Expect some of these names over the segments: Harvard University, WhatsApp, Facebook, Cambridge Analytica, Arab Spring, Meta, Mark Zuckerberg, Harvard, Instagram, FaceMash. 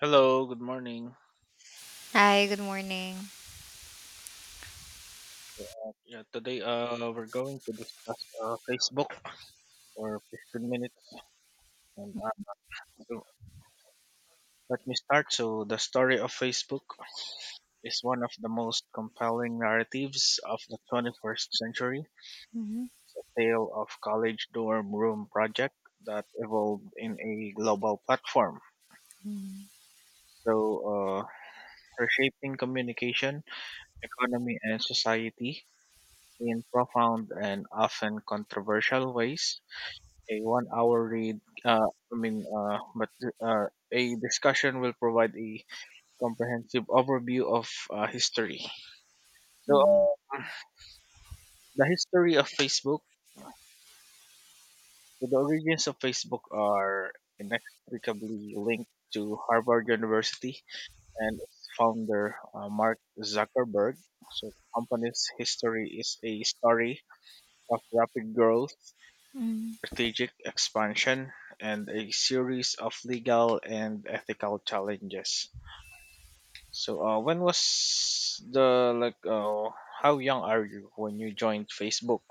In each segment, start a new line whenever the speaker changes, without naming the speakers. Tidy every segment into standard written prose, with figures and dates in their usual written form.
Hello, good morning.
Hi, good morning.
Yeah, today we're going to discuss Facebook for 15 minutes. And so let me start. So the story of Facebook is one of the most compelling narratives of the 21st century.
Mhm,
It's a tale of college dorm room project that evolved in a global platform.
mhm,
So uh, reshaping communication, economy, and society in profound and often controversial ways, a 1 hour read, I mean, but uh, a discussion will provide a comprehensive overview of history.
mhm,
so uh, the history of Facebook. So the origins of Facebook are inextricably linked to Harvard University and its founder, Mark Zuckerberg. So the company's history is a story of rapid growth,
mhm.
strategic expansion, and a series of legal and ethical challenges. So, when was the, like? How young are you when you joined Facebook?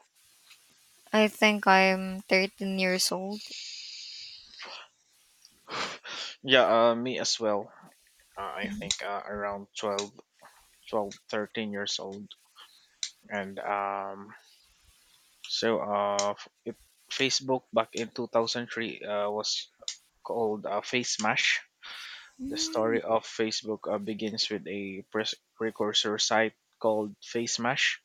I think I'm 13 years old.
Yeah, me as well. I
Mhm.
think around 12, 12, 13 years old, and so f- it, Facebook back in 2003 was called Face Mash. The
Mhm,
story of Facebook begins with a precursor site called FaceMash.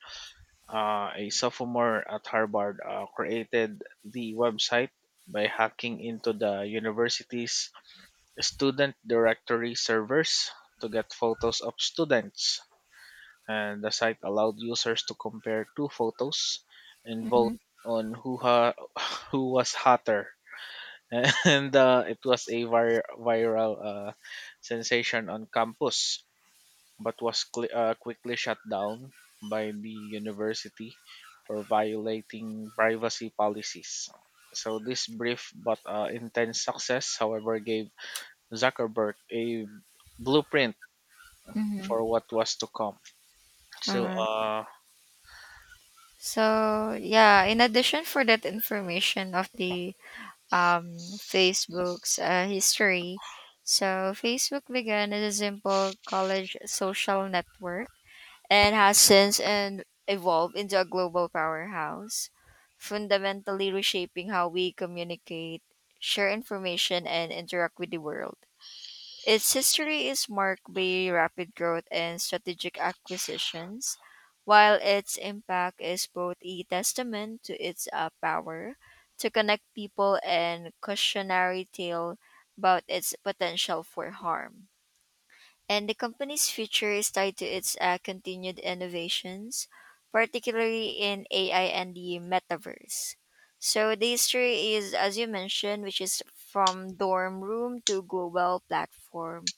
A sophomore at Harvard created the website by hacking into the university's student directory servers to get photos of students. And the site allowed users to compare two photos and vote
mhm,
on who was hotter. And it was a viral sensation on campus, but was quickly shut down by the university for violating privacy policies. So, this brief but intense success, however, gave Zuckerberg a blueprint
mhm.
for what was to come. So,
Uh,
uh,
so yeah, in addition for that information of the Facebook's history, so Facebook began as a simple college social network and has since and evolved into a global powerhouse, fundamentally reshaping how we communicate, share information, and interact with the world. Its history is marked by rapid growth and strategic acquisitions, while its impact is both a testament to its power to connect people and cautionary tale about its potential for harm, and the company's future is tied to its continued innovations, particularly in AI and the metaverse. So the history is, as you mentioned, which is from dorm room to global platform.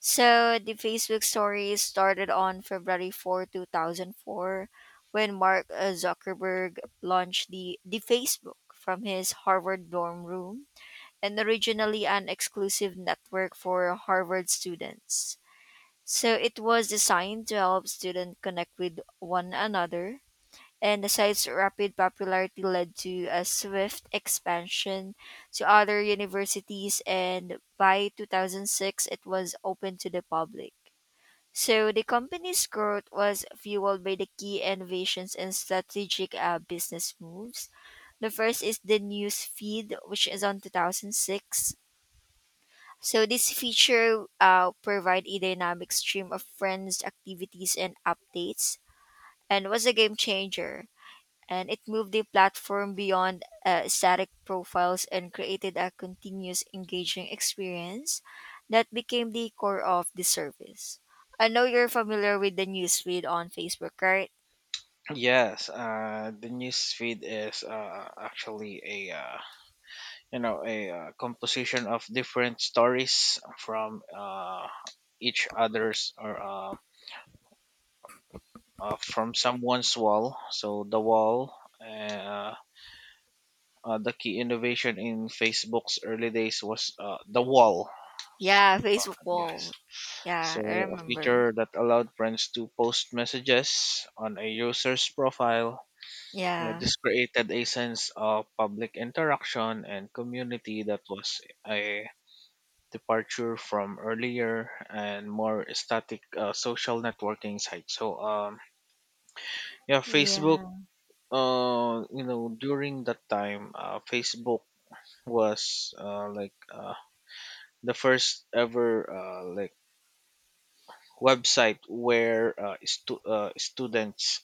So the Facebook story started on February 4th, 2004, when Mark Zuckerberg launched the Facebook from his Harvard dorm room, and originally an exclusive network for Harvard students. So it was designed to help students connect with one another. And the site's rapid popularity led to a swift expansion to other universities, and by 2006, it was open to the public. So the company's growth was fueled by the key innovations and strategic business moves. The first is the news feed, which is on 2006. So this feature provide a dynamic stream of friends, activities, and updates, and was a game changer. And it moved the platform beyond static profiles and created a continuous engaging experience that became the core of the service. I know you're familiar with the newsfeed on Facebook, right?
yes, the news feed is actually a you know a composition of different stories from each other's, or from someone's wall. Uh, the key innovation in Facebook's early days was the wall.
Yeah,
uh,
Facebook wall.
yes.
Yeah, I
So a
remember.
feature that allowed friends to post messages on a user's profile.
Yeah.
This created a sense of public interaction and community that was a departure from earlier and more static social networking sites. So, yeah, Facebook,
Yeah.
during that time, Facebook was, like, the first ever, like, website where students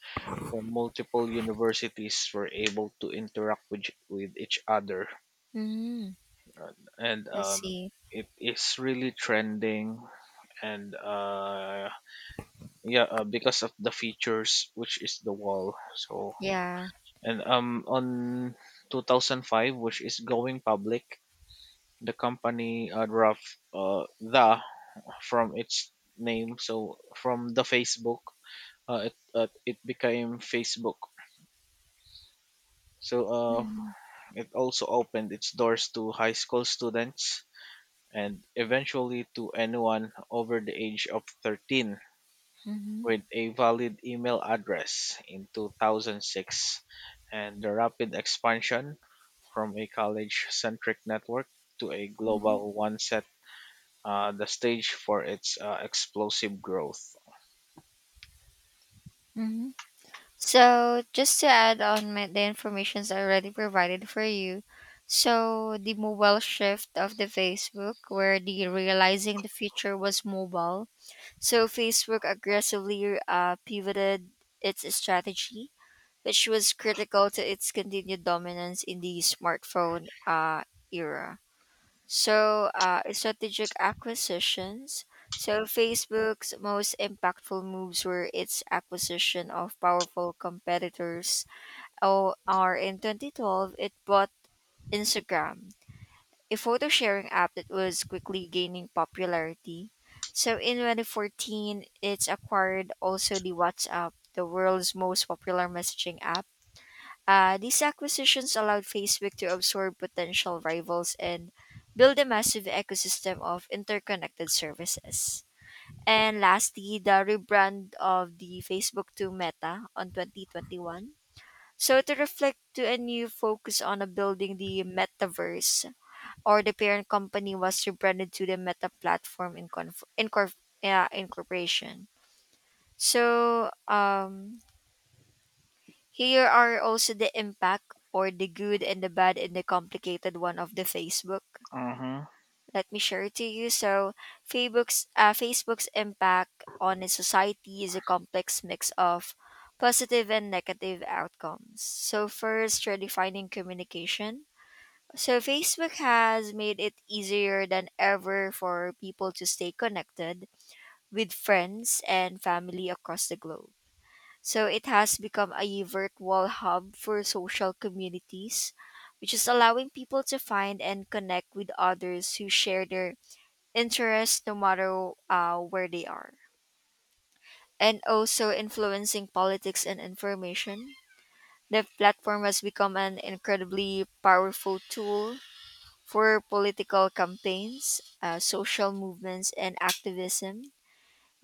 from multiple universities were able to interact with each other,
Mm-hmm.
uh, and
Let's see.
it is really trending, and yeah because of the features, which is the wall. so
Yeah.
and um on 2005, which is going public, the company derived the from its name. So, from The Facebook, it became Facebook. So uh,
Mm-hmm.
it also opened its doors to high school students and eventually to anyone over the age of 13
Mm-hmm.
with a valid email address in 2006, and the rapid expansion from a college centric network to a
Mm-hmm.
global one, the stage for its explosive growth.
Mhm. So, just to add on my, the informations already provided for you, so the mobile shift of the Facebook, where the realizing the future was mobile, so Facebook aggressively pivoted its strategy, which was critical to its continued dominance in the smartphone era. So, strategic acquisitions. So, Facebook's most impactful moves were its acquisition of powerful competitors. Or in 2012, it bought Instagram, a photo sharing app that was quickly gaining popularity. So, in 2014, it's acquired also the WhatsApp, the world's most popular messaging app. These acquisitions allowed Facebook to absorb potential rivals and build a massive ecosystem of interconnected services. And lastly, the rebrand of the Facebook to Meta on 2021. So to reflect to a new focus on a building the metaverse, or the parent company was rebranded to the Meta platform, in conf- in corp- yeah, incorporation. So, here are also the impact or the good and the bad and the complicated one of the Facebook.
Mm-hmm.
Let me share it to you. So, Facebook's impact on a society is a complex mix of positive and negative outcomes. So, first, redefining communication. So, Facebook has made it easier than ever for people to stay connected with friends and family across the globe. So it has become a virtual hub for social communities, which is allowing people to find and connect with others who share their interests no matter where they are. And also influencing politics and information. The platform has become an incredibly powerful tool for political campaigns, social movements, and activism,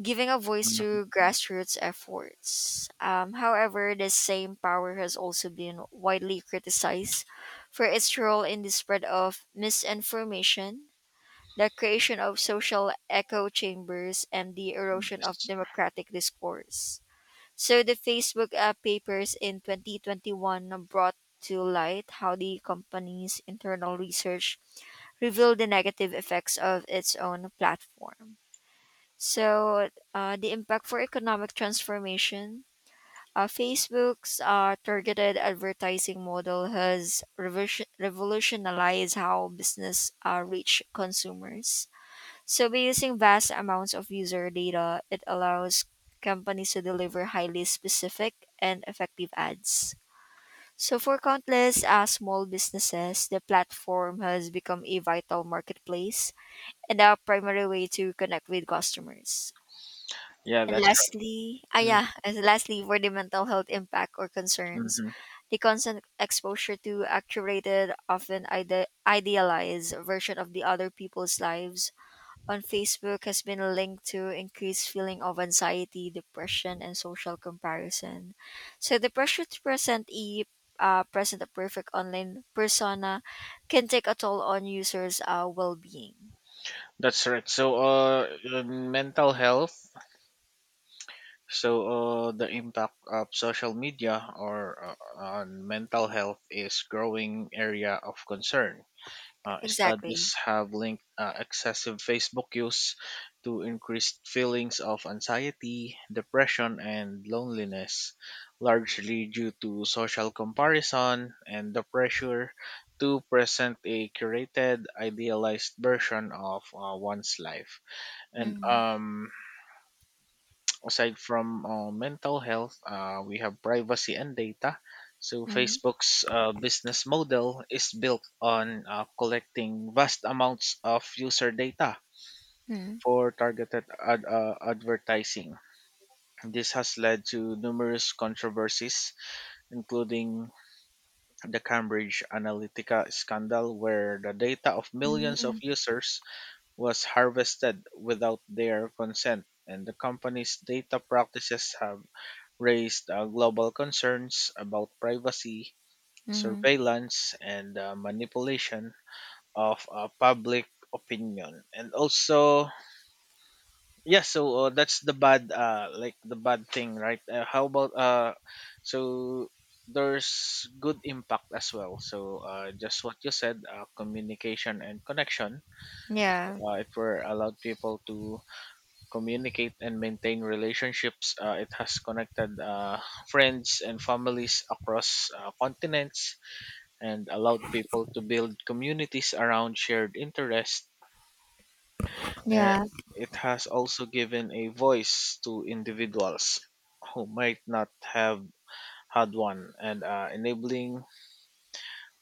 giving a voice to grassroots efforts. However, the same power has also been widely criticized for its role in the spread of misinformation, the creation of social echo chambers, and the erosion of
Yes.
democratic discourse. So, the Facebook papers in 2021 brought to light how the company's internal research revealed the negative effects of its own platform. So, the impact for economic transformation. Facebook's targeted advertising model has revolutionized how business reach consumers. So, by using vast amounts of user data, it allows companies to deliver highly specific and effective ads. So, for countless small businesses, the platform has become a vital marketplace and a primary way to connect with customers.
Yeah,
And
that's
lastly,
right.
yeah, as lastly for the mental health impact or concerns,
Mm-hmm.
the constant exposure to a curated, often idealized version of the other people's lives on Facebook has been linked to increased feeling of anxiety, depression, and social comparison. So the pressure to present e present a perfect online persona can take a toll on users' well-being.
That's right. So, mental health. So, the impact of social media, or on mental health, is growing area of concern. Studies
Exactly.
have linked excessive Facebook use to increased feelings of anxiety, depression, and loneliness, largely due to social comparison and the pressure to present a curated, idealized version of one's life. And
Mm-hmm.
aside from mental health, we have privacy and data. So
Mm-hmm.
Facebook's business model is built on collecting vast amounts of user data for targeted advertising. This has led to numerous controversies, including the Cambridge Analytica scandal, where the data of millions of
Mm-hmm.
users was harvested without their consent, and the company's data practices have raised global concerns about privacy,
Mm-hmm.
surveillance, and manipulation of public opinion. And also, yeah, so, that's the bad, like, the bad thing, right? How about, so there's good impact as well. So, just what you said, communication and connection.
Yeah,
It were allowed people to communicate and maintain relationships. It has connected friends and families across continents, and allowed people to build communities around shared interests. And
yeah,
it has also given a voice to individuals who might not have had one, and enabling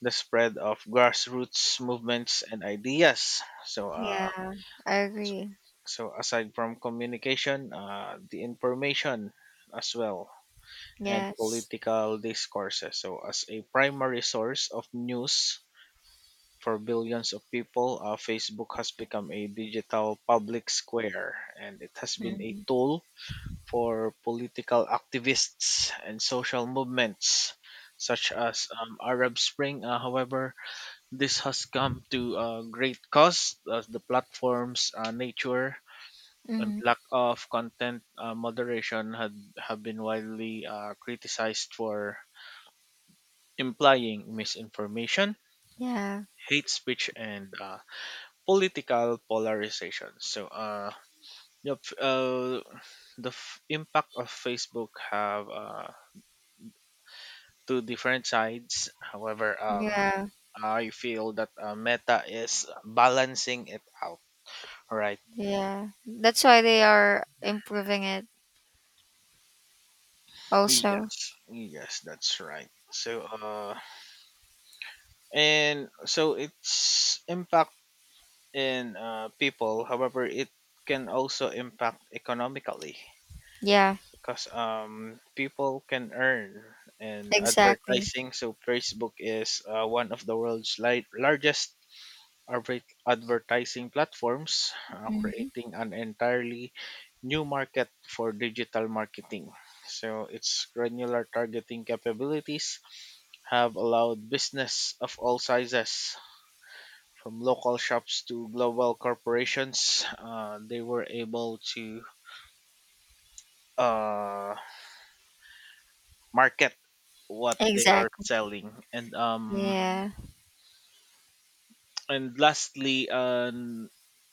the spread of grassroots movements and ideas.
yeah, I
So
agree.
so, aside from communication, the information as well, and
Yes.
political discourses. So, as a primary source of news for billions of people, Facebook has become a digital public square, and it has been a
Mm-hmm.
tool for political activists and social movements such as Arab Spring. However, this has come to great cost, as the platform's nature and
Hmm,
lack of content moderation had have been widely criticized for implying misinformation,
yeah,
hate speech, and political polarization. So, the f- uh, the impact of Facebook have two different sides. However,
yeah,
I feel that Meta is balancing it out. Right.
yeah. That's why they are improving it also.
Yes. Yes, that's right. So, and so its impact in people. However, it can also impact economically,
Yeah,
because people can earn in
exactly.
advertising. So Facebook is one of the world's largest advertising platforms,
Mm-hmm.
creating an entirely new market for digital marketing. So its granular targeting capabilities have allowed business of all sizes, from local shops to global corporations, they were able to uh, market what they are
Exactly.
selling. and um
Yeah.
and lastly, um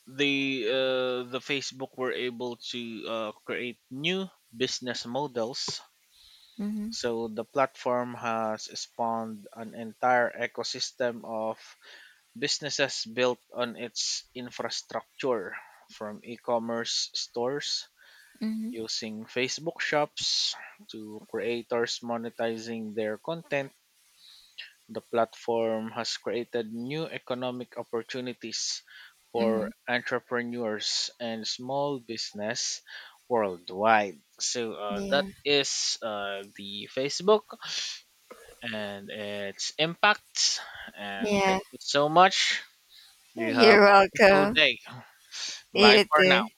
they uh, the Facebook were able to create new business models.
Mm-hmm.
So the platform has spawned an entire ecosystem of businesses built on its infrastructure, from e-commerce stores
Mm-hmm.
using Facebook Shops to creators monetizing their content. The platform has created new economic opportunities for
Mm-hmm.
entrepreneurs and small business worldwide. That
Yeah,
is the Facebook and its impacts. And thank
yeah.
you so much. You have a
You're
wonderful
welcome.
day. Bye
You
for now.
too.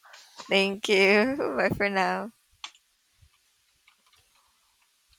Thank you. Bye for now.